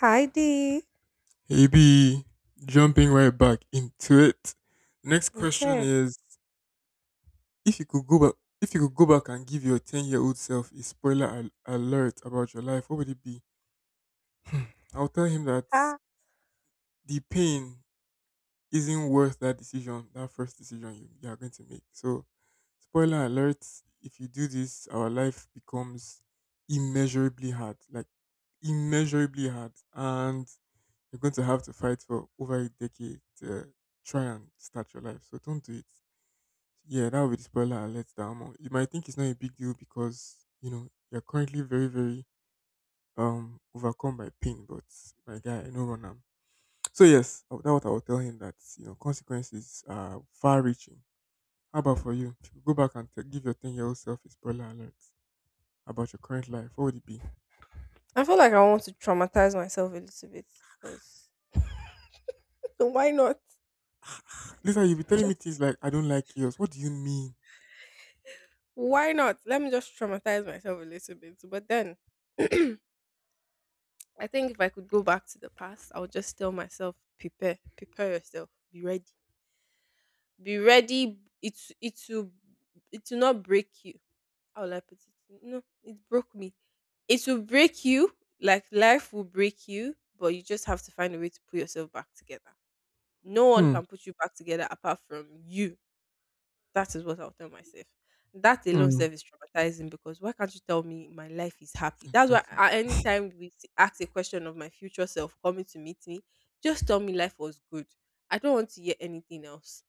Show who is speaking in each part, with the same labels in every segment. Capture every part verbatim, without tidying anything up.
Speaker 1: Heidi.
Speaker 2: Maybe jumping right back into it. Next question
Speaker 1: Okay.
Speaker 2: is: If you could go back, if you could go back and give your ten-year-old self a spoiler al- alert about your life, what would it be? I'll tell him that
Speaker 1: Ah.
Speaker 2: the pain isn't worth that decision, that first decision you, you are going to make. So, spoiler alert: If you do this, our life becomes immeasurably hard, like immeasurably hard, and you're going to have to fight for over a decade to try and start your life. So don't do it. Yeah, that would be the spoiler alert that I'm on. You might think it's not a big deal because, you know, you're currently very, very um overcome by pain, but my guy, I know run am. So yes, I- that's what I will tell him that, you know, consequences are far reaching. How about for you? If you go back and t- give your ten year old self a spoiler alert about your current life, what would it be?
Speaker 1: I feel like I want to traumatize myself a little bit because why not?
Speaker 2: Lisa, you'll be telling me
Speaker 1: Just
Speaker 2: things like, I don't like yours. What do you mean?
Speaker 1: why not? Let me just traumatize myself a little bit. But then I think if I could go back to the past, I would just tell myself, prepare, prepare yourself, be ready, be ready. It it will it will not break you. How will I put it? No, it broke me. It will break you. Like life will break you, but you just have to find a way to put yourself back together. No one
Speaker 2: Hmm.
Speaker 1: can put you back together apart from you. That is what I'll tell myself. That alone
Speaker 2: Hmm.
Speaker 1: self is traumatizing because why can't you tell me my life is happy? That's why
Speaker 2: Exactly.
Speaker 1: a- anytime we s- ask a question of my future self coming to meet me, just tell me life was good. I don't want to hear anything else.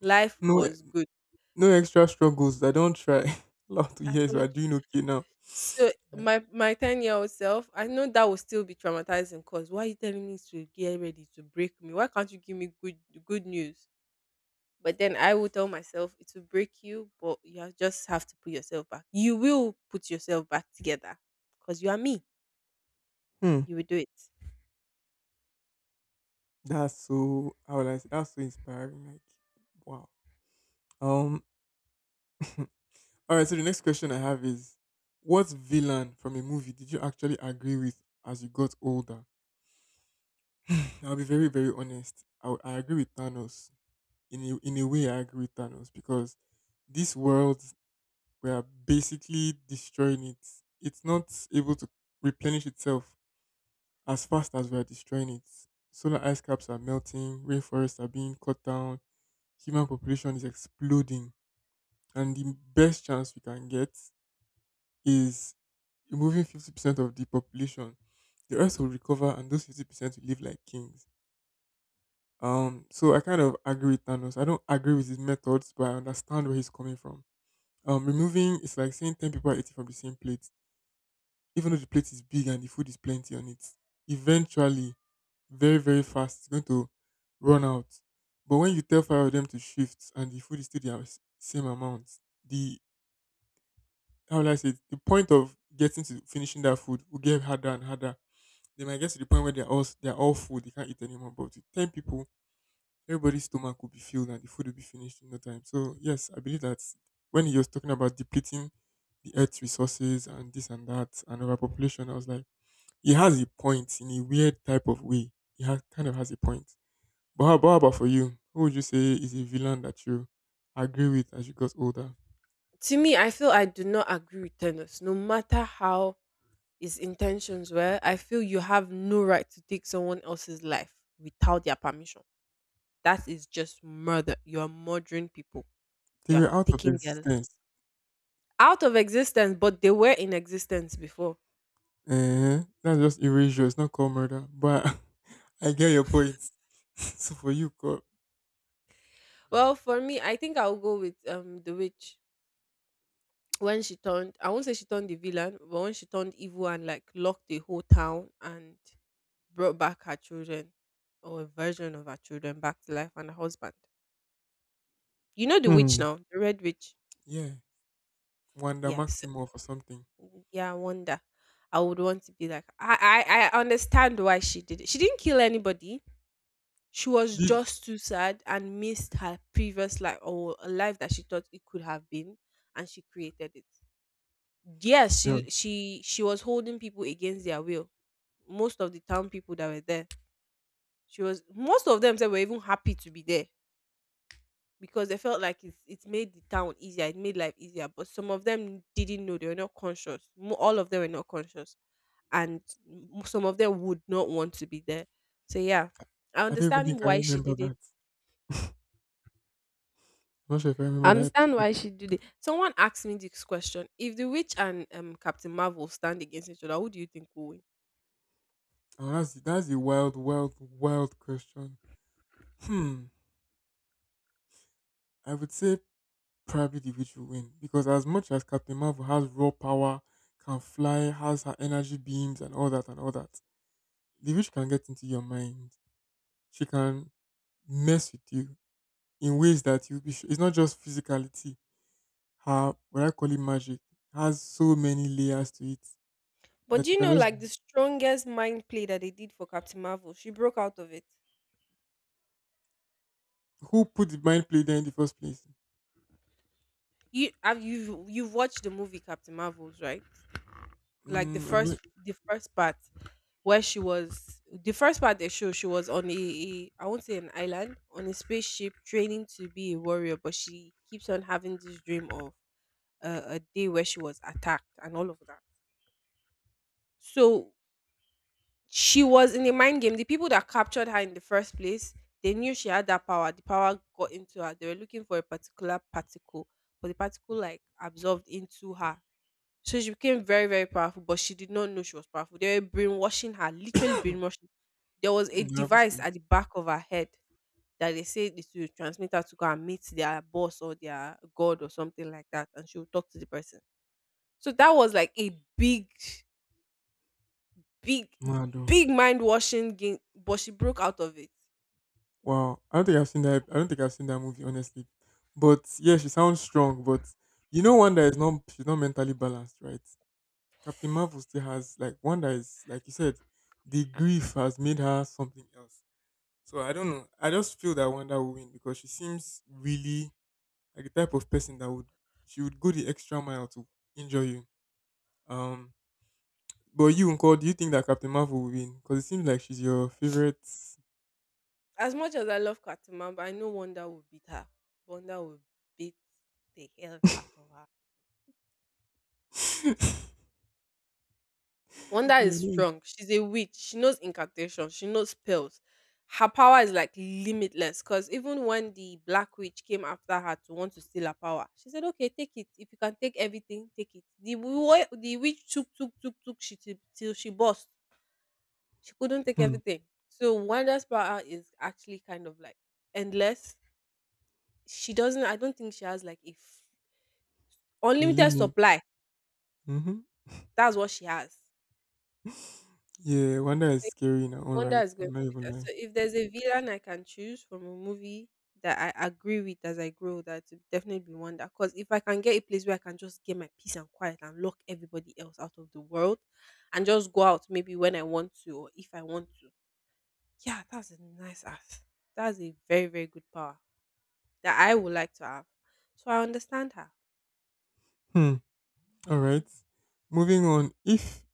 Speaker 1: Life
Speaker 2: No.
Speaker 1: was good.
Speaker 2: No extra struggles. I don't try. Last two
Speaker 1: I
Speaker 2: years, we
Speaker 1: don't.
Speaker 2: are doing okay now.
Speaker 1: So
Speaker 2: Yeah.
Speaker 1: my my ten year old self, I know that will still be traumatizing. Cause why are you telling me to get ready to break me? Why can't you give me good good news? But then I will tell myself it will break you, but you have- just have to put yourself back. You will put yourself back together because you are me.
Speaker 2: Hmm.
Speaker 1: You will do it.
Speaker 2: That's so. How will I say? That's so inspiring. Like, wow. Um. All right. So the next question I have is, what villain from a movie did you actually agree with as you got older? I'll be very, very honest. I, w- I agree with Thanos. In a, in a way, I agree with Thanos because this world, we are basically destroying it. It's not able to replenish itself as fast as we are destroying it. Solar ice caps are melting, rainforests are being cut down, human population is exploding. And the best chance we can get is removing fifty percent of the population. The rest will recover, and those fifty percent will live like kings. Um, so I kind of agree with Thanos. I don't agree with his methods, but I understand where he's coming from. Um, removing it's like saying ten people are eating from the same plate, even though the plate is big and the food is plenty on it. Eventually, very, very fast. It's going to run out. But when you tell five of them to shift and the food is still the as- same amount, the, how will I say it? The point of getting to finishing that food will get harder and harder. They might get to the point where they're all s- they're all full, they can't eat anymore. But with ten people, everybody's stomach will be filled and the food will be finished in no time. So yes, I believe that when he was talking about depleting the earth's resources and this and that and overpopulation, I was like, he has a point in a weird type of way. He has kind of has a point. But how, but how about for you? Who would you say is a villain that you agree with as you got older?
Speaker 1: To me, I feel I do not agree with Thanos. No matter how his intentions were, I feel you have no right to take someone else's life without their permission. That is just murder. You are murdering people.
Speaker 2: They
Speaker 1: You are
Speaker 2: were out of
Speaker 1: taking their li-
Speaker 2: existence.
Speaker 1: out of existence, but they were in existence before.
Speaker 2: Eh, that's just erasure. It's not called murder. But I get your point. So for you, God,
Speaker 1: Well, for me, I think I'll go with um the witch. When she turned, I won't say she turned the villain, but when she turned evil and like locked the whole town and brought back her children, or a version of her children back to life, and her husband. You know, the witch
Speaker 2: hmm,
Speaker 1: now, the red witch.
Speaker 2: yeah, Wanda
Speaker 1: Yes,
Speaker 2: Maximoff or something.
Speaker 1: yeah, I, wonder I would want to be like, i i, I understand why she did it. She didn't kill anybody. She
Speaker 2: She
Speaker 1: was
Speaker 2: did.
Speaker 1: just too sad and missed her previous life, or a life that she thought it could have been, and she created it. Yes,
Speaker 2: Yeah.
Speaker 1: she she she was holding people against their will. Most of the town people that were there, she was most of them said were even happy to be there because they felt like it's it made the town easier, it made life easier. But some of them didn't know, they were not conscious. Mo- all of them were not conscious. And m- some of them would not want to be there. So yeah, I
Speaker 2: I don't even
Speaker 1: understand
Speaker 2: think I
Speaker 1: why she
Speaker 2: remember
Speaker 1: did it.
Speaker 2: that. I'm not sure if I remember
Speaker 1: I
Speaker 2: that
Speaker 1: understand
Speaker 2: episode.
Speaker 1: why she did it. Someone asked me this question: if the witch and um Captain Marvel stand against each other, who do you think will win?
Speaker 2: Oh, that's that's a wild, wild, wild question. Hmm. I would say probably the witch will win because as much as Captain Marvel has raw power, can fly, has her energy beams and all that and all that, the witch can get into your mind. She can mess with you in ways that you be. Sh- it's not just physicality. Her, what I call it, magic has so many layers to it
Speaker 1: But
Speaker 2: that
Speaker 1: do
Speaker 2: you
Speaker 1: you
Speaker 2: can
Speaker 1: know,
Speaker 2: just.
Speaker 1: like the strongest mind play that they did for Captain Marvel, she broke out of it.
Speaker 2: Who put the mind play there in the first place?
Speaker 1: You have you you've watched the movie Captain Marvels, right? Like the
Speaker 2: Mm, I'm
Speaker 1: first
Speaker 2: not.
Speaker 1: the first part, where she was the first part they show, she was on a, a, I won't say an island, on a spaceship training to be a warrior, but she keeps on having this dream of uh, a day where she was attacked and all of that. So she was in a mind game. The people that captured her in the first place, they knew she had that power. The power got into her. They were looking for a particular particle, but the particle like absorbed into her. So she became very, very powerful, but she did not know she was powerful. They were brainwashing her, literally brainwashing. There was a
Speaker 2: Mm, I haven't
Speaker 1: device
Speaker 2: seen
Speaker 1: at
Speaker 2: this.
Speaker 1: the back of her head that they said it will transmit her to go and meet their boss or their god or something like that, and she would talk to the person. So that was like a big, big,
Speaker 2: Mad.
Speaker 1: big mind washing game, but she broke out of it.
Speaker 2: Wow, I don't think I've seen that. I don't think I've seen that movie, honestly. But yeah, she sounds strong. But you know, one that is not, she's not mentally balanced, right? Captain Marvel still has, like, one that is like you said, the grief has made her something else. So I don't know. I just feel that Wanda will win because she seems really like the type of person that would, she would go the extra mile to injure you. Um, but you, Uncle, do you think that Captain Marvel will win? Because it seems like she's your favorite.
Speaker 1: As much as I love Katimamba, I know Wonder will beat her. Wonder will beat the hell out of her. Wonder
Speaker 2: You
Speaker 1: is
Speaker 2: know,
Speaker 1: strong. She's a witch. She knows incantation. She knows spells. Her power is like limitless. Cause even when the black witch came after her to want to steal her power, she said, "Okay, take it. If you can take everything, take it." The wo- the witch took, took, took, took. She till, till she burst. She couldn't take
Speaker 2: hmm,
Speaker 1: everything. So Wanda's power is actually kind of like endless. She doesn't. I don't think she has like if unlimited
Speaker 2: element.
Speaker 1: supply. That's what she has.
Speaker 2: Yeah, Wanda is scary in her own
Speaker 1: Wanda
Speaker 2: right.
Speaker 1: is going
Speaker 2: I'm
Speaker 1: to
Speaker 2: not
Speaker 1: be
Speaker 2: even
Speaker 1: that. So
Speaker 2: lying.
Speaker 1: if there's a villain I can choose from a movie that I agree with as I grow, that would definitely be Wanda. Because if I can get a place where I can just get my peace and quiet and lock everybody else out of the world, and just go out maybe when I want to or if I want to, yeah, that's a nice ass. That's a very, very good power that I would like to have. So I understand her.
Speaker 2: Hmm. All right. Moving on. If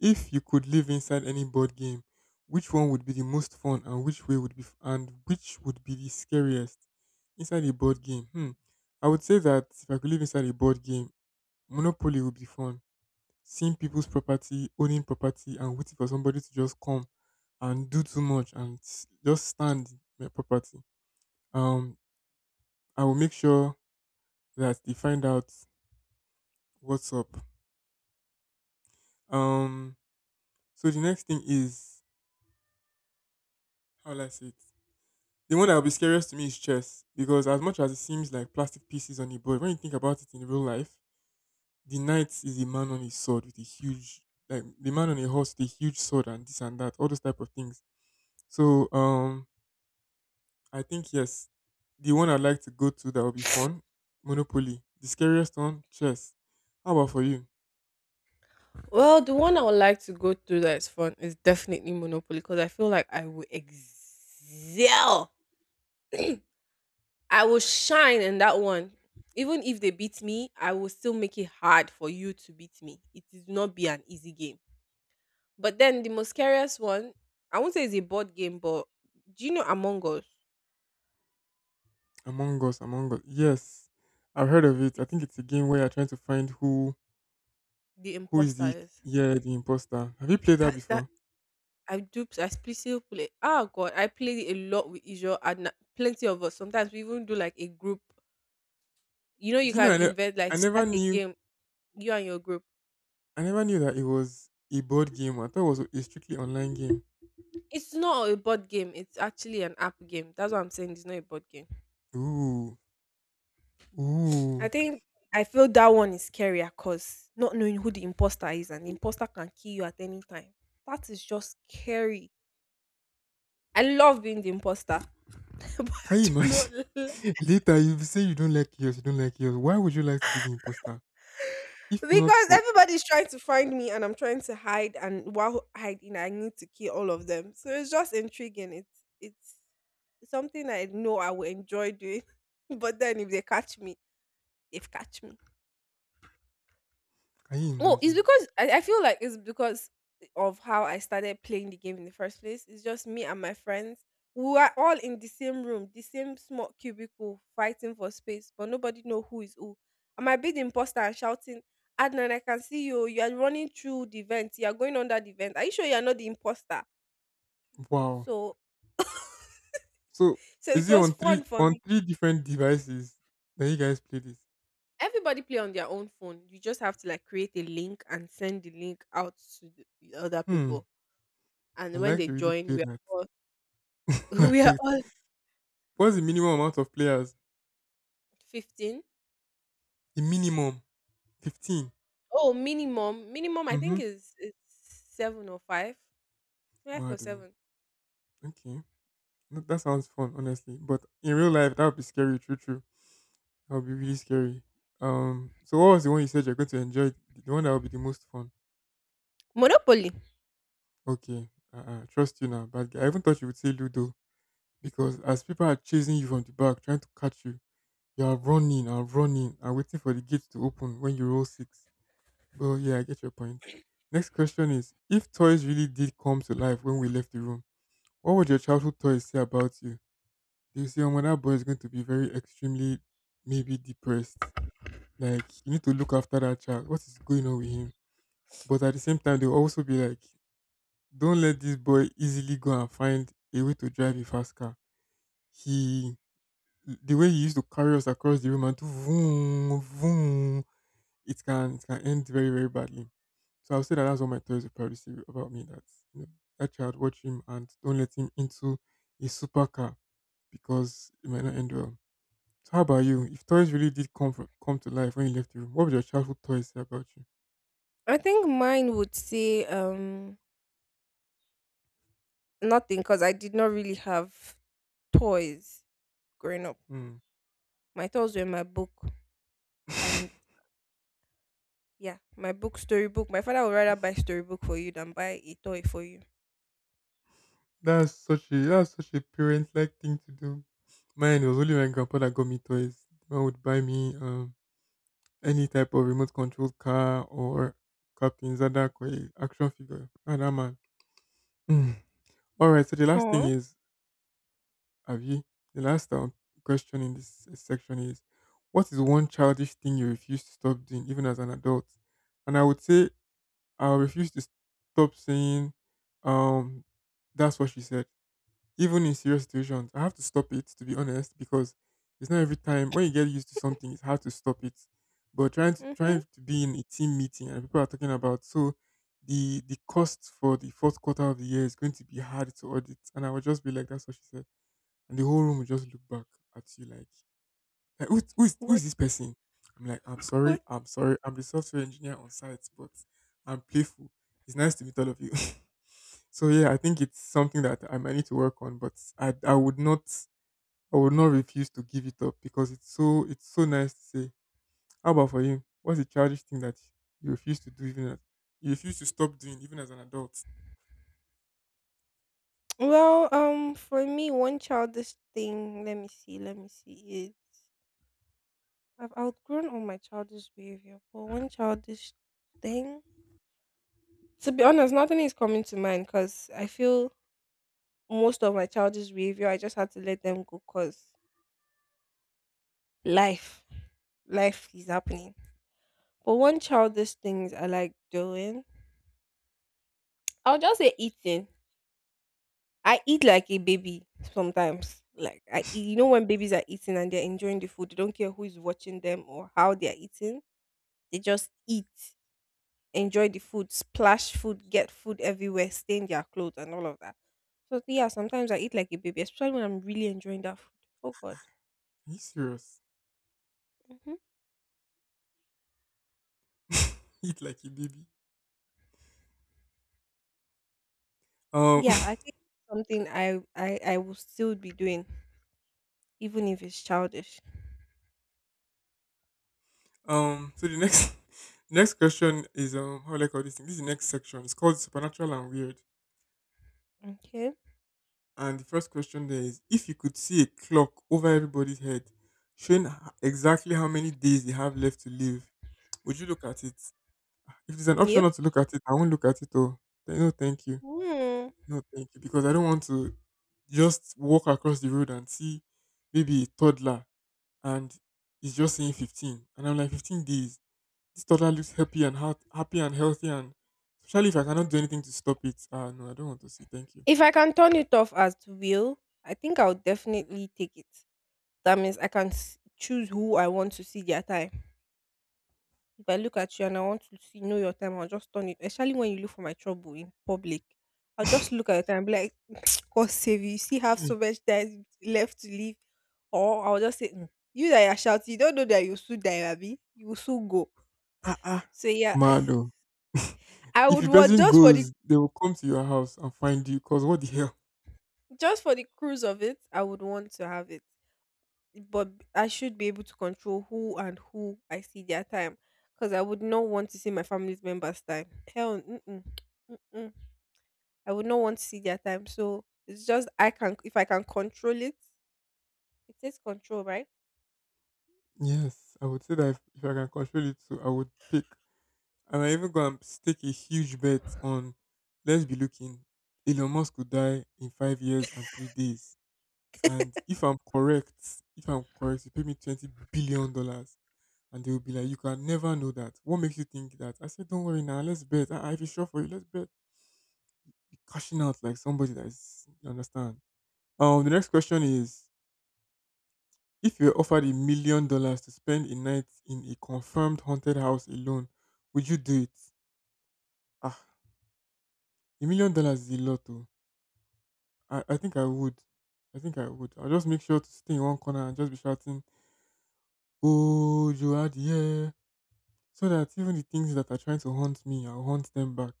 Speaker 2: if you could live inside any board game, which one would be the most fun, and which way would be f- and which would be the scariest inside a board game? Hmm. I would say that if I could live inside a board game, Monopoly would be fun. Seeing people's property, owning property, and waiting for somebody to just come and do too much and s- just stand my property. Um, I will make sure that they find out what's up. Um, so the next thing is, how will I say it? The one that will be scariest to me is chess because as much as it seems like plastic pieces on a board, when you think about it in real life, the knight is a man on his sword with a huge, like, the man on a horse with a huge sword and this and that, all those type of things. So um, I think yes, the one I'd like to go to that will be fun, Monopoly. The scariest one, chess. How about for you?
Speaker 1: Well, the one I would like to go through that is fun is definitely Monopoly because I feel like I will excel. I will shine in that one. Even if they beat me, I will still make it hard for you to beat me. It is not be an easy game. But then the most scariest one, I won't say it's a board game, but do you know Among Us?
Speaker 2: Among Us, Among Us. Yes, I've heard of it. I
Speaker 1: It's
Speaker 2: think it's a game where you're trying to find who.
Speaker 1: the
Speaker 2: Who is the,
Speaker 1: imposters.
Speaker 2: yeah, the imposter? Have you played that
Speaker 1: That, that
Speaker 2: before?
Speaker 1: I do. I play still play. Oh god, I play a lot with Isho and plenty of us. Sometimes we even do like a group. You know,
Speaker 2: Do
Speaker 1: you
Speaker 2: you know
Speaker 1: can
Speaker 2: I, ne-
Speaker 1: invent,
Speaker 2: I
Speaker 1: like
Speaker 2: never
Speaker 1: start a
Speaker 2: knew,
Speaker 1: game. You and your group.
Speaker 2: I never knew that it was a board game. I thought it was a strictly online game.
Speaker 1: It's not a board game. It's actually an app game. That's what I'm saying. It's not a board game.
Speaker 2: Ooh,
Speaker 1: I
Speaker 2: ooh.
Speaker 1: think I feel that one is scarier because not knowing who the imposter is, and the imposter can kill you at any time. That is just scary. I love being the imposter, but I
Speaker 2: Can you
Speaker 1: do not.
Speaker 2: imagine? Later you say you don't like yours, you don't like yours. Why would you like to be the imposter? If not
Speaker 1: Because
Speaker 2: for,
Speaker 1: everybody's trying to find me, and I'm trying to hide, and while hiding I need to kill all of them. So it's just intriguing. It's it's something I know I will enjoy doing. But then if they catch me, they've catch me.
Speaker 2: can you
Speaker 1: Oh, it's
Speaker 2: imagine?
Speaker 1: because I, I feel like it's because of how I started playing the game in the first place. It's just me and my friends. We were all in the same room, the same small cubicle, fighting for space, but nobody know who is who. I might be the imposter and shouting, Adnan, I can see you. You are running through the vent. You are going under the vent. Are you sure you are not the imposter?
Speaker 2: Wow.
Speaker 1: So,
Speaker 2: So
Speaker 1: so
Speaker 2: is
Speaker 1: it
Speaker 2: it
Speaker 1: was
Speaker 2: on three,
Speaker 1: fun for
Speaker 2: on
Speaker 1: me.
Speaker 2: three different devices that you guys play this?
Speaker 1: Everybody play on their own phone. You just have to like create a link and send the link out to the the other
Speaker 2: Hmm.
Speaker 1: people.
Speaker 2: I
Speaker 1: And when
Speaker 2: like
Speaker 1: they
Speaker 2: to really
Speaker 1: join,
Speaker 2: play
Speaker 1: we are
Speaker 2: that.
Speaker 1: all. We are
Speaker 2: Like,
Speaker 1: all
Speaker 2: what's the minimum amount of players?
Speaker 1: fifteen.
Speaker 2: The minimum. fifteen.
Speaker 1: Oh, minimum minimum I
Speaker 2: Mm-hmm.
Speaker 1: think is is seven or five. Five or
Speaker 2: Madu.
Speaker 1: seven.
Speaker 2: Okay. That, that sounds fun, honestly. But in real life, that would be scary, true, true. That would be really scary. Um. So what was the one you said you're going to enjoy? The the one that would be the most fun.
Speaker 1: Monopoly.
Speaker 2: Okay. Uh, uh, trust you now, bad guy. I even thought you would say Ludo because as people are chasing you from the back, trying to catch you, you are running and running and waiting for the gate to open when you roll six. But yeah, I get your point. Next question is: If toys really did come to life when we left the room, what would your childhood toys say about you? They say, oh, that boy is going to be very extremely, maybe depressed. Like, you need to look after that child. What is going on with him? But at the same time, they'll also be like, don't let this boy easily go and find a way to drive a fast car. He, the way he used to carry us across the room and do vroom, vroom, it can, it can end very, very badly. So I'll say that that's what my toys will probably say about me. That, you know, that child, watch him and don't let him into a supercar because it might not end well. So how about you? If toys really did come fr- come to life when you left the room, what would your childhood toys say about you?
Speaker 1: I think mine would say um nothing because I did not really have toys growing up.
Speaker 2: Hmm.
Speaker 1: My toys were my book. And yeah, my book, storybook. My father would rather buy storybook for you than buy a toy for you.
Speaker 2: that's such a that's such a parent like thing to do. Mine, it was only my grandpa that got me toys. The man would buy me um any type of remote controlled car or Captain Zadak or a action figure. Ah, that man. Hmm. All right. So the last thing
Speaker 1: Oh.
Speaker 2: is, have you? The last um, question in this uh, section is, what is one childish thing you refuse to stop doing even as an adult? And I would say I refuse to stop saying, um, that's what she said. Even in serious situations, I have to stop it to be honest, because it's not every time, when you get used to something, it's hard to stop it. But trying to
Speaker 1: Mm-hmm.
Speaker 2: trying to be in a team meeting and people are talking about, so the the cost for the fourth quarter of the year is going to be hard to audit, and I would just be like, "That's what she said," and the whole room would just look back at you like like, who, who, is, who is
Speaker 1: What?
Speaker 2: this person? I'm like, "I'm sorry,
Speaker 1: What?
Speaker 2: I'm sorry. I'm the software engineer on site, but I'm playful. It's nice to meet all of you." So yeah, I think it's something that I might need to work on, but I, I would not I would not refuse to give it up, because it's so it's so nice to say. How about for you? What's the childish thing that you refuse to do even as you refuse to stop doing even as an adult?
Speaker 1: Well, um, for me, one childish thing. Let me see. Let me see. Is, I've outgrown all my childish behavior, but one childish thing. To be honest, nothing is coming to mind because I feel most of my childish behavior, I just had to let them go because life, life is happening. But one childish things I like doing, I'll just say eating. I eat like a baby sometimes. Like, I, eat- you know, when babies are eating and they're enjoying the food, they don't care who is watching them or how they are eating. They just eat, enjoy the food, splash food, get food everywhere, stain their clothes and all of that. So yeah, sometimes I eat like a baby, especially when I'm really enjoying that food. Oh God.
Speaker 2: Are you serious?
Speaker 1: Hmm.
Speaker 2: Eat like a baby. Um
Speaker 1: Yeah, I think something I, I I will still be doing, even if it's childish.
Speaker 2: Um. So the next next question is, um how do I call this thing? This is the next section. It's called supernatural and weird.
Speaker 1: Okay.
Speaker 2: And the first question there is, if you could see a clock over everybody's head, showing h- exactly how many days they have left to live, would you look at it? If there's an option
Speaker 1: Yep.
Speaker 2: not to look at it, I won't look at it. Oh, no, thank you.
Speaker 1: Hmm.
Speaker 2: No, thank you. Because I don't want to just walk across the road and see maybe a toddler, and he's just saying fifteen, and I'm like, fifteen days? This toddler looks happy and heart, happy and healthy, and especially if I cannot do anything to stop it. Ah, no, I don't want to see. Thank you.
Speaker 1: If I can turn it off as will, I think I'll definitely take it. That means I can s- choose who I want to see their time. If I look at you and I want to see know your time, I'll just turn it. Especially when you look for my trouble in public, I'll just look at your time and be like, "God save you! You still have so much time left to live," or I'll just say, "Mm, "You that you are shouting, you don't know that you soon die, Abby. You will soon go."
Speaker 2: Ah, ah,
Speaker 1: So yeah,
Speaker 2: Mado.
Speaker 1: I
Speaker 2: If
Speaker 1: would
Speaker 2: the
Speaker 1: want
Speaker 2: person
Speaker 1: just for the
Speaker 2: goes, they will come to your house and find you. 'Cause what the hell?
Speaker 1: just for the cruise of it, I would want to have it, but b- I should be able to control who and who I see their time, because I would not want to see my family's members' time. Hell, mm-mm. Mm-mm. I would not want to see their time. So it's just I can if I can control it. It says control, right?
Speaker 2: Yes, I would say that, if, if, I can control it too, I would pick. And I even gonna stake a huge bet on. Let's be looking. Elon Musk could die in five years and three days. And if I'm correct, if I'm correct, you pay me twenty billion dollars. And they will be like, "You can never know that. What makes you think that?" I said, "Don't worry now, let's bet. I, if it's sure for you, let's bet." Be cashing out like somebody that is, you understand. Um, the next question is, if you were offered a million dollars to spend a night in a confirmed haunted house alone, would you do it? Ah, a million dollars is a lot, though. I, I think I would. I think I would. I'll just make sure to stay in one corner and just be shouting, "Oh, you are the air," so that even the things that are trying to haunt me, I'll haunt them back.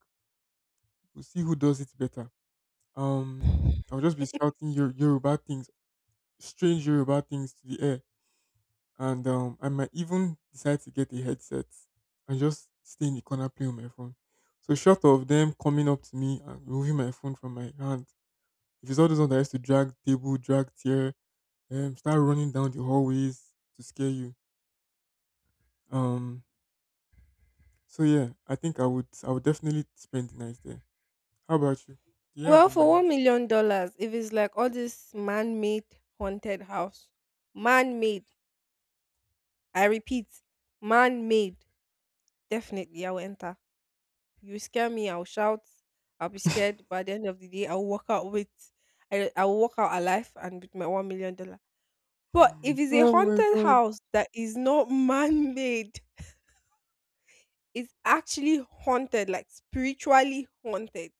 Speaker 2: We'll see who does it better. Um, I'll just be shouting your Yoruba things, strange Yoruba things to the air, and um, I might even decide to get a headset and just stay in the corner playing on my phone. So short of them coming up to me and removing my phone from my hand, if it's all those ones that used to drag table, drag chair, um, start running down the hallways to scare you. Um, so yeah, I think I would, I would definitely spend the night there. How about you? Do you have
Speaker 1: Well,
Speaker 2: the
Speaker 1: for
Speaker 2: mind?
Speaker 1: one million dollars, if it's like all this man-made haunted house, man-made, I repeat, man-made, definitely I will enter. You scare me, I'll shout, I'll be scared, but at the end of the day, I'll walk out with, I I will walk out alive and with my one million dollar. But if it's a
Speaker 2: Oh my
Speaker 1: haunted
Speaker 2: God.
Speaker 1: house that is not man-made, is actually haunted, like spiritually haunted.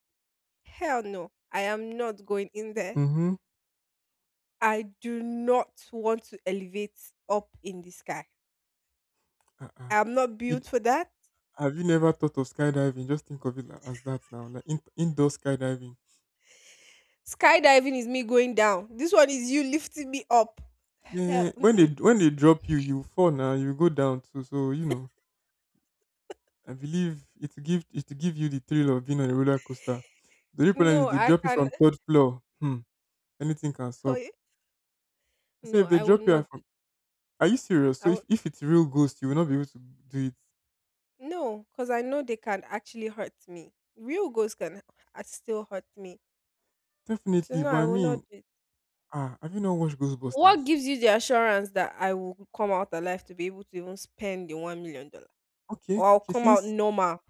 Speaker 1: Hell no, I am not going in there.
Speaker 2: Mm-hmm.
Speaker 1: I do not want to elevate up in the sky.
Speaker 2: Uh-uh.
Speaker 1: I am not
Speaker 2: It,
Speaker 1: built for that.
Speaker 2: have you never thought of skydiving? Just think of it like, as that now, like in, indoor skydiving.
Speaker 1: Skydiving is me going down. This one is you lifting me up. Hell,
Speaker 2: Eh, when they
Speaker 1: mm-mm.
Speaker 2: when they drop you, you fall now. You go down too. So you know, I believe it will give it will give you the thrill of being on a roller coaster. The only problem is,
Speaker 1: No,
Speaker 2: they
Speaker 1: I
Speaker 2: drop you
Speaker 1: can.
Speaker 2: from third floor. Hmm, anything can
Speaker 1: Oh,
Speaker 2: stop.
Speaker 1: yeah.
Speaker 2: I say
Speaker 1: No,
Speaker 2: if they
Speaker 1: I would
Speaker 2: drop you
Speaker 1: not. do-
Speaker 2: from, are you serious? So
Speaker 1: I would
Speaker 2: if, if it's real ghost, you will not be able to do it.
Speaker 1: No, because I know they can actually hurt me. Real ghosts can uh, still hurt me. So
Speaker 2: Definitely,
Speaker 1: no,
Speaker 2: but
Speaker 1: I
Speaker 2: I
Speaker 1: will not
Speaker 2: mean,
Speaker 1: do it.
Speaker 2: ah, have you not watched
Speaker 1: What
Speaker 2: Ghostbusters?
Speaker 1: gives you the assurance that I will come out alive to be able to even spend the one million dollar,
Speaker 2: Okay,
Speaker 1: or I'll
Speaker 2: okay.
Speaker 1: come out
Speaker 2: Since
Speaker 1: normal?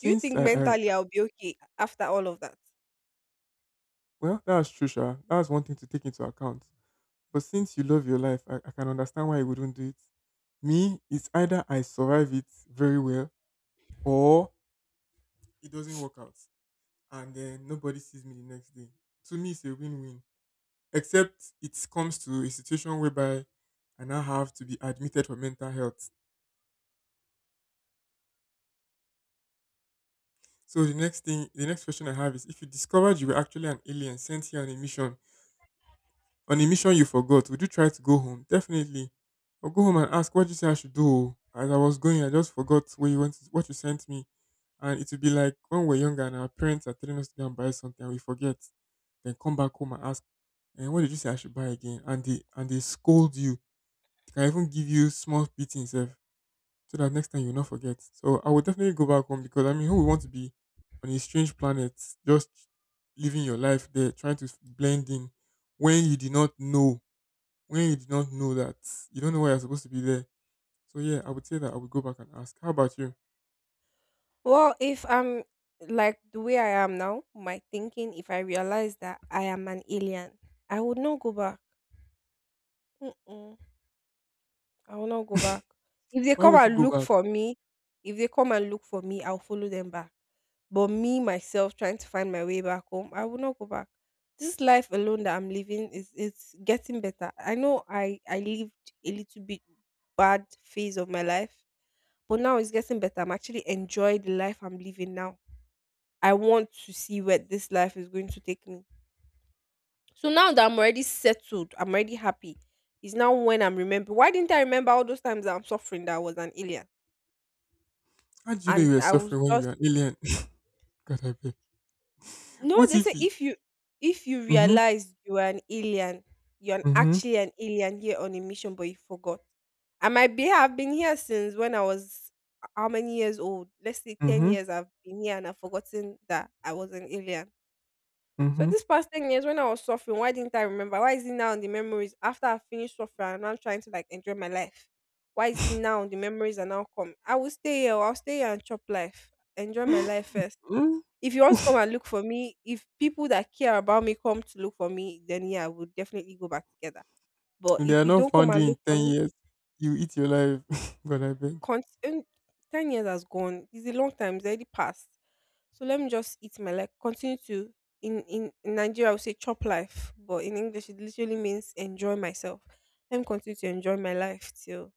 Speaker 1: Do you think
Speaker 2: I uh,
Speaker 1: mentally
Speaker 2: uh,
Speaker 1: I'll be okay after all of that?
Speaker 2: well, that's true, sha. That's one thing to take into account. But since you love your life, I, I can understand why you wouldn't do it. Me, it's either I survive it very well, or it doesn't work out, and then nobody sees me the next day. To me, it's a win-win. Except it comes to a situation whereby I now have to be admitted for mental health. So the next thing, the next question I have is: if you discovered you were actually an alien sent here on a mission, on a mission you forgot, would you try to go home? Definitely. I'll go home and ask, what did you say I should do? As I was going, I just forgot where you went, what you sent me. And it would be like when we're younger and our parents are telling us to go and buy something and we forget. Then come back home and ask, "And what did you say I should buy again?" And they and they scold you. They can even give you small beatings, if, so that next time you'll not forget. So I would definitely go back home, because I mean, who would want to be on a strange planet just living your life there, trying to blend in when you did not know when you did not know that you don't know why you're supposed to be there. So yeah, I would say that I would go back and ask. How about you?
Speaker 1: Well, if I'm like the way I am now, my thinking, if I realize that I am an alien, I would not go back. Mm-mm, I will not go back. If they
Speaker 2: Why
Speaker 1: come
Speaker 2: would you
Speaker 1: and
Speaker 2: go
Speaker 1: look
Speaker 2: back?
Speaker 1: for me, If they come and look for me, I'll follow them back. But me myself trying to find my way back home, I will not go back. This life alone that I'm living, is it's getting better. I know I I lived a little bit bad phase of my life, but now it's getting better. I'm actually enjoying the life I'm living now. I want to see where this life is going to take me. So now that I'm already settled, I'm already happy. It's now when I'm remembering. Why didn't I remember all those times that I'm suffering that I was an alien?
Speaker 2: How did you know you
Speaker 1: And
Speaker 2: were
Speaker 1: I was
Speaker 2: suffering when you were
Speaker 1: just
Speaker 2: an alien? God, I beg.
Speaker 1: No,
Speaker 2: What
Speaker 1: they
Speaker 2: if
Speaker 1: say
Speaker 2: he?
Speaker 1: if you if you
Speaker 2: Mhm,
Speaker 1: realize you are an alien, you're an-
Speaker 2: mhm,
Speaker 1: actually an alien here on a mission, but you forgot. I might be have been here since when I was h- how many years old? Let's say ten
Speaker 2: mhm,
Speaker 1: years. I've been here and I've forgotten that I was an alien. So
Speaker 2: mhm.
Speaker 1: this past ten years, when I was suffering, why didn't I remember? Why is it now in the memories after I finished suffering and now trying to like enjoy my life? Why is it now the memories are now come? I will stay here. I'll stay here and chop life. Enjoy my life first.
Speaker 2: Mm,
Speaker 1: If you want to come and look for me, if people that care about me come to look for me, then yeah, we'll definitely go back together. But
Speaker 2: if they
Speaker 1: if
Speaker 2: are
Speaker 1: you
Speaker 2: not
Speaker 1: don't come
Speaker 2: found you
Speaker 1: and
Speaker 2: in
Speaker 1: look for
Speaker 2: ten
Speaker 1: me,
Speaker 2: years. You eat your life. God, I beg.
Speaker 1: con- um, ten years has gone. It's a long time. It's already passed. So let me just eat my life. Continue to, in, in, in Nigeria, I would say chop life. But in English, it literally means enjoy myself. Let me continue to enjoy my life till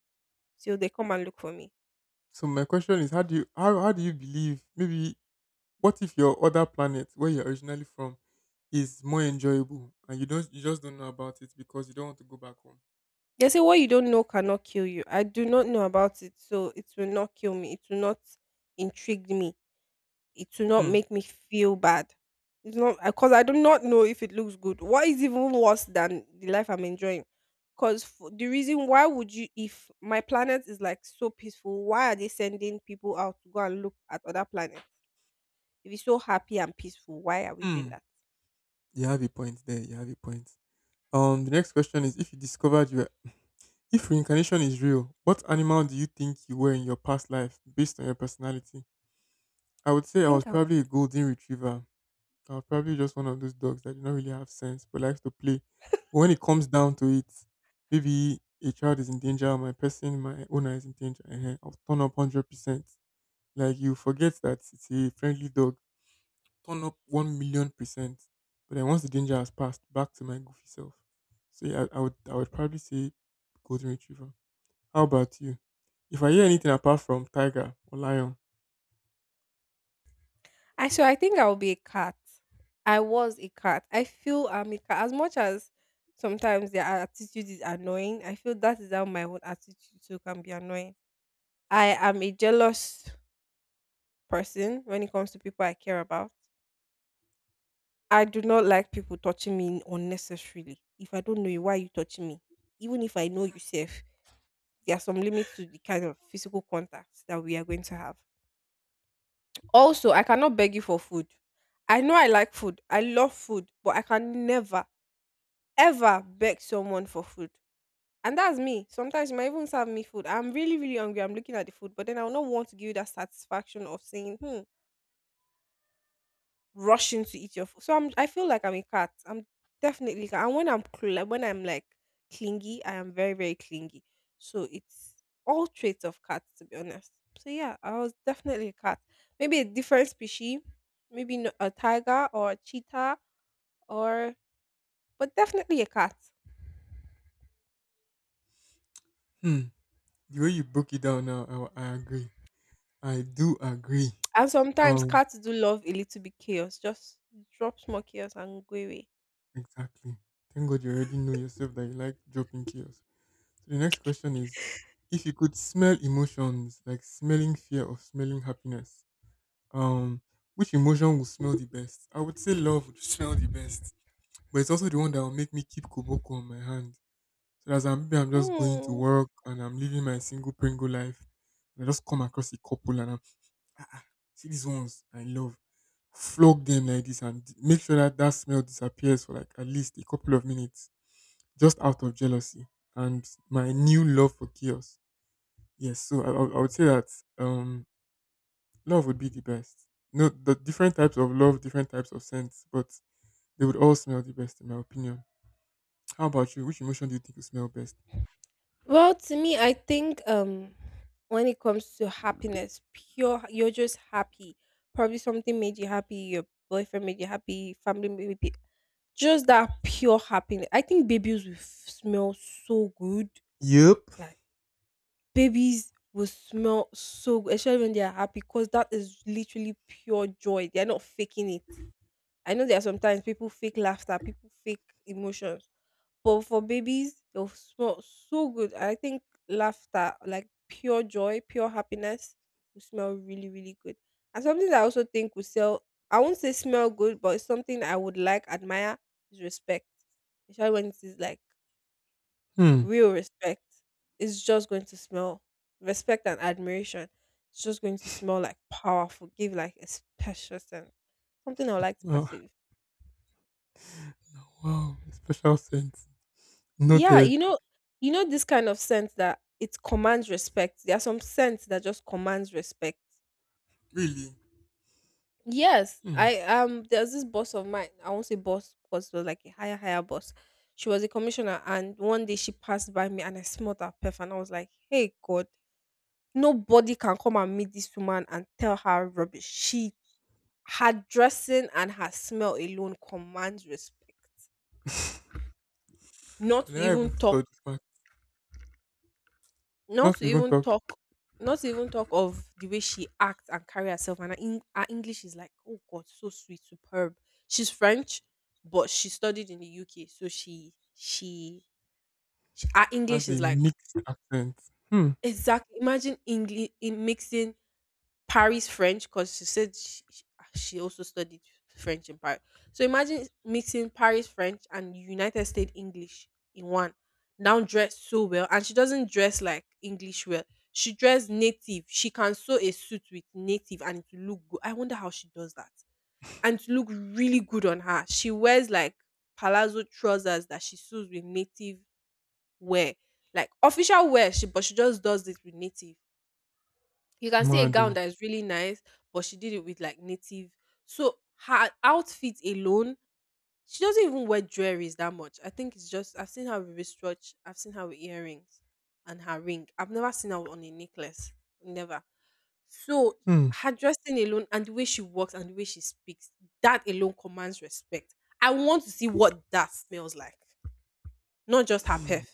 Speaker 1: till they come and look for me.
Speaker 2: So my question is, how do you how, how do you believe? Maybe what if your other planet where you're originally from is more enjoyable, and you don't you just don't know about it, because you don't want to go back home.
Speaker 1: They say what you don't know cannot kill you. I do not know about it, so it will not kill me. It will not intrigue me. It will not
Speaker 2: Hmm.
Speaker 1: make me feel bad. It's not because I do not know if it looks good. What is even worse than the life I'm enjoying? Because the reason why would you, if my planet is like so peaceful, why are they sending people out to go and look at other planets? If it's so happy and peaceful, why are we doing
Speaker 2: Hmm.
Speaker 1: that?
Speaker 2: You have a point there. You have a point. Um, the next question is: If you discovered you, were, if reincarnation is real, what animal do you think you were in your past life based on your personality? I would
Speaker 1: I
Speaker 2: say I was
Speaker 1: think I,
Speaker 2: probably a golden retriever. I was probably just one of those dogs that do not really have sense but likes to play. But when it comes down to it, maybe a child is in danger, or my person, my owner is in danger. uh I'll turn up hundred percent. Like, you forget that it's a friendly dog. Turn up one million percent. But then once the danger has passed, back to my goofy self. So yeah, I, I would I would probably say golden retriever. How about you? If I hear anything apart from tiger or lion.
Speaker 1: I so I think I will be a cat. I was a cat. I feel I'm a cat. As much as sometimes their attitude is annoying, I feel that is how my own attitude too can be annoying. I am a jealous person when it comes to people I care about. I do not like people touching me unnecessarily. If I don't know you, why are you touching me? Even if I know you safe, there are some limits to the kind of physical contacts that we are going to have. Also, I cannot beg you for food. I know I like food. I love food, but I can never, ever beg someone for food. And that's me. Sometimes you might even serve me food. I'm really, really hungry. I'm looking at the food, but then I will not want to give you that satisfaction of saying, hmm, rushing to eat your food. So I'm I feel like I'm a cat. I'm definitely a cat. And when I'm cl- like, when I'm like clingy, I am very very clingy. So it's all traits of cats to be honest. So yeah, I was definitely a cat. Maybe a different species, maybe no- a tiger or a cheetah or but definitely a cat.
Speaker 2: Hmm, the way you broke it down now, I, I agree. I do agree.
Speaker 1: And sometimes
Speaker 2: Um,
Speaker 1: cats do love a little bit chaos. Just drop more chaos and go away.
Speaker 2: exactly. Thank God you already know yourself that you like dropping chaos. So the next question is, if you could smell emotions, like smelling fear or smelling happiness, Um, which emotion will smell the best? I would say love would smell the best, but it's also the one that will make me keep koboko on my hand. So that's I'm, maybe I'm just going to
Speaker 1: Hmm.
Speaker 2: work, and I'm living my single pringle life, and I just come across a couple, and I'm ah, ah, see these ones I love, flog them like this and d- make sure that that smell disappears for like at least a couple of minutes, just out of jealousy and my new love for chaos. Yes, so I, I I would say that. Um, Love would be the best. No, the different types of love, different types of scents, but they would all smell the best in my opinion. How about you? Which emotion do you think would smell best?
Speaker 1: Well, to me, I think um when it comes to happiness, pure you're just happy. Probably something made you happy, your boyfriend made you happy, family made you just that pure happiness. I think babies will f- smell so good.
Speaker 2: Yep.
Speaker 1: Like babies will smell so good, especially when they are happy, because that is literally pure joy. They are not faking it. I know there are sometimes people fake laughter, people fake emotions, but for babies, they'll smell so good. I think laughter, like pure joy, pure happiness, will smell really, really good. And something that I also think will sell, I won't say smell good, but it's something I would like, admire, is respect. Especially when it is like
Speaker 2: Hmm.
Speaker 1: real respect. It's just going to smell respect and admiration. It's just going to smell like powerful, give like a special scent. Something I would like to
Speaker 2: Oh,
Speaker 1: pursue.
Speaker 2: wow. Special scent.
Speaker 1: Yeah,
Speaker 2: Noted.
Speaker 1: you know, you know this kind of scent that it commands respect. There are some scents that just commands respect.
Speaker 2: Really?
Speaker 1: Yes,
Speaker 2: Hmm.
Speaker 1: I um there's this boss of mine. I won't say boss because it was like a higher higher boss. She was a commissioner, and one day she passed by me, and I smelled her perf, and I was like, "Hey God, nobody can come and meet this woman and tell her rubbish." She, her dressing and her smell alone commands respect.
Speaker 2: I
Speaker 1: Not to
Speaker 2: never even
Speaker 1: even
Speaker 2: thought
Speaker 1: talk
Speaker 2: of this one.
Speaker 1: Not
Speaker 2: Not
Speaker 1: to
Speaker 2: to even
Speaker 1: even
Speaker 2: talk,
Speaker 1: talk, not to even talk of the way she acts and carry herself, and her, Eng- her English is like, oh God, so sweet, superb. She's French, but she studied in the U K, so she she, she her English
Speaker 2: has a
Speaker 1: is like
Speaker 2: mixed accent. Hmm.
Speaker 1: exactly. Imagine English in mixing Paris French, because she said she, she also studied French in Paris. So imagine mixing Paris French and United States English in one. Now dressed so well, and she doesn't dress like English well. She dressed native. She can sew a suit with native and it will look good. I wonder how she does that. And it look really good on her. She wears like palazzo trousers that she sews with native wear, like official wear. She but she just does it with native. You can see a gown
Speaker 2: Mado.
Speaker 1: that is really nice, but she did it with like native. So her outfit alone, she doesn't even wear jewelries that much. I think it's just I've seen her with wristwatch, I've seen her with earrings and her ring. I've never seen her on a necklace. Never. So
Speaker 2: Hmm.
Speaker 1: her dressing alone and the way she walks and the way she speaks, that alone commands respect. I want to see what that smells like. Not just her perf,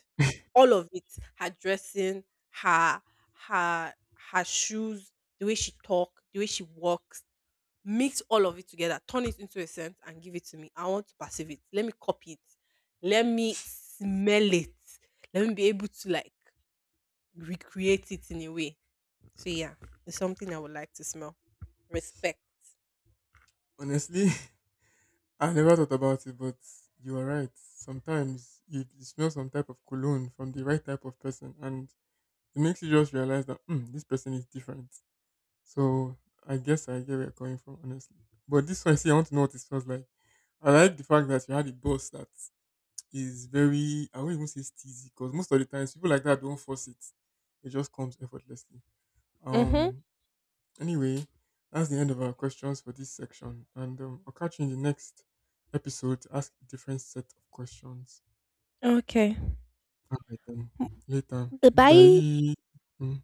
Speaker 1: all of it. Her dressing, her her her shoes, the way she talk, the way she walks. Mix all of it together, turn it into a scent, and give it to me. I want to perceive it. Let me copy it. Let me smell it. Let me be able to like recreate it in a way. So yeah, it's something I would like to smell. Respect.
Speaker 2: Honestly, I never thought about it, but you are right. Sometimes you you smell some type of cologne from the right type of person, and it makes you just realize that, mm, this person is different. So I guess I get where you're coming from, honestly. But this one, see, I want to know what it feels like. I like the fact that you had a boss that is very, I won't even say steezy, because most of the times people like that don't force it. It just comes effortlessly.
Speaker 1: Mm-hmm.
Speaker 2: Um. Anyway, that's the end of our questions for this section. And um, I'll catch you in the next episode to ask a different set of questions.
Speaker 1: Okay.
Speaker 2: All right, then. Later.
Speaker 1: Goodbye.
Speaker 2: Bye. Mm.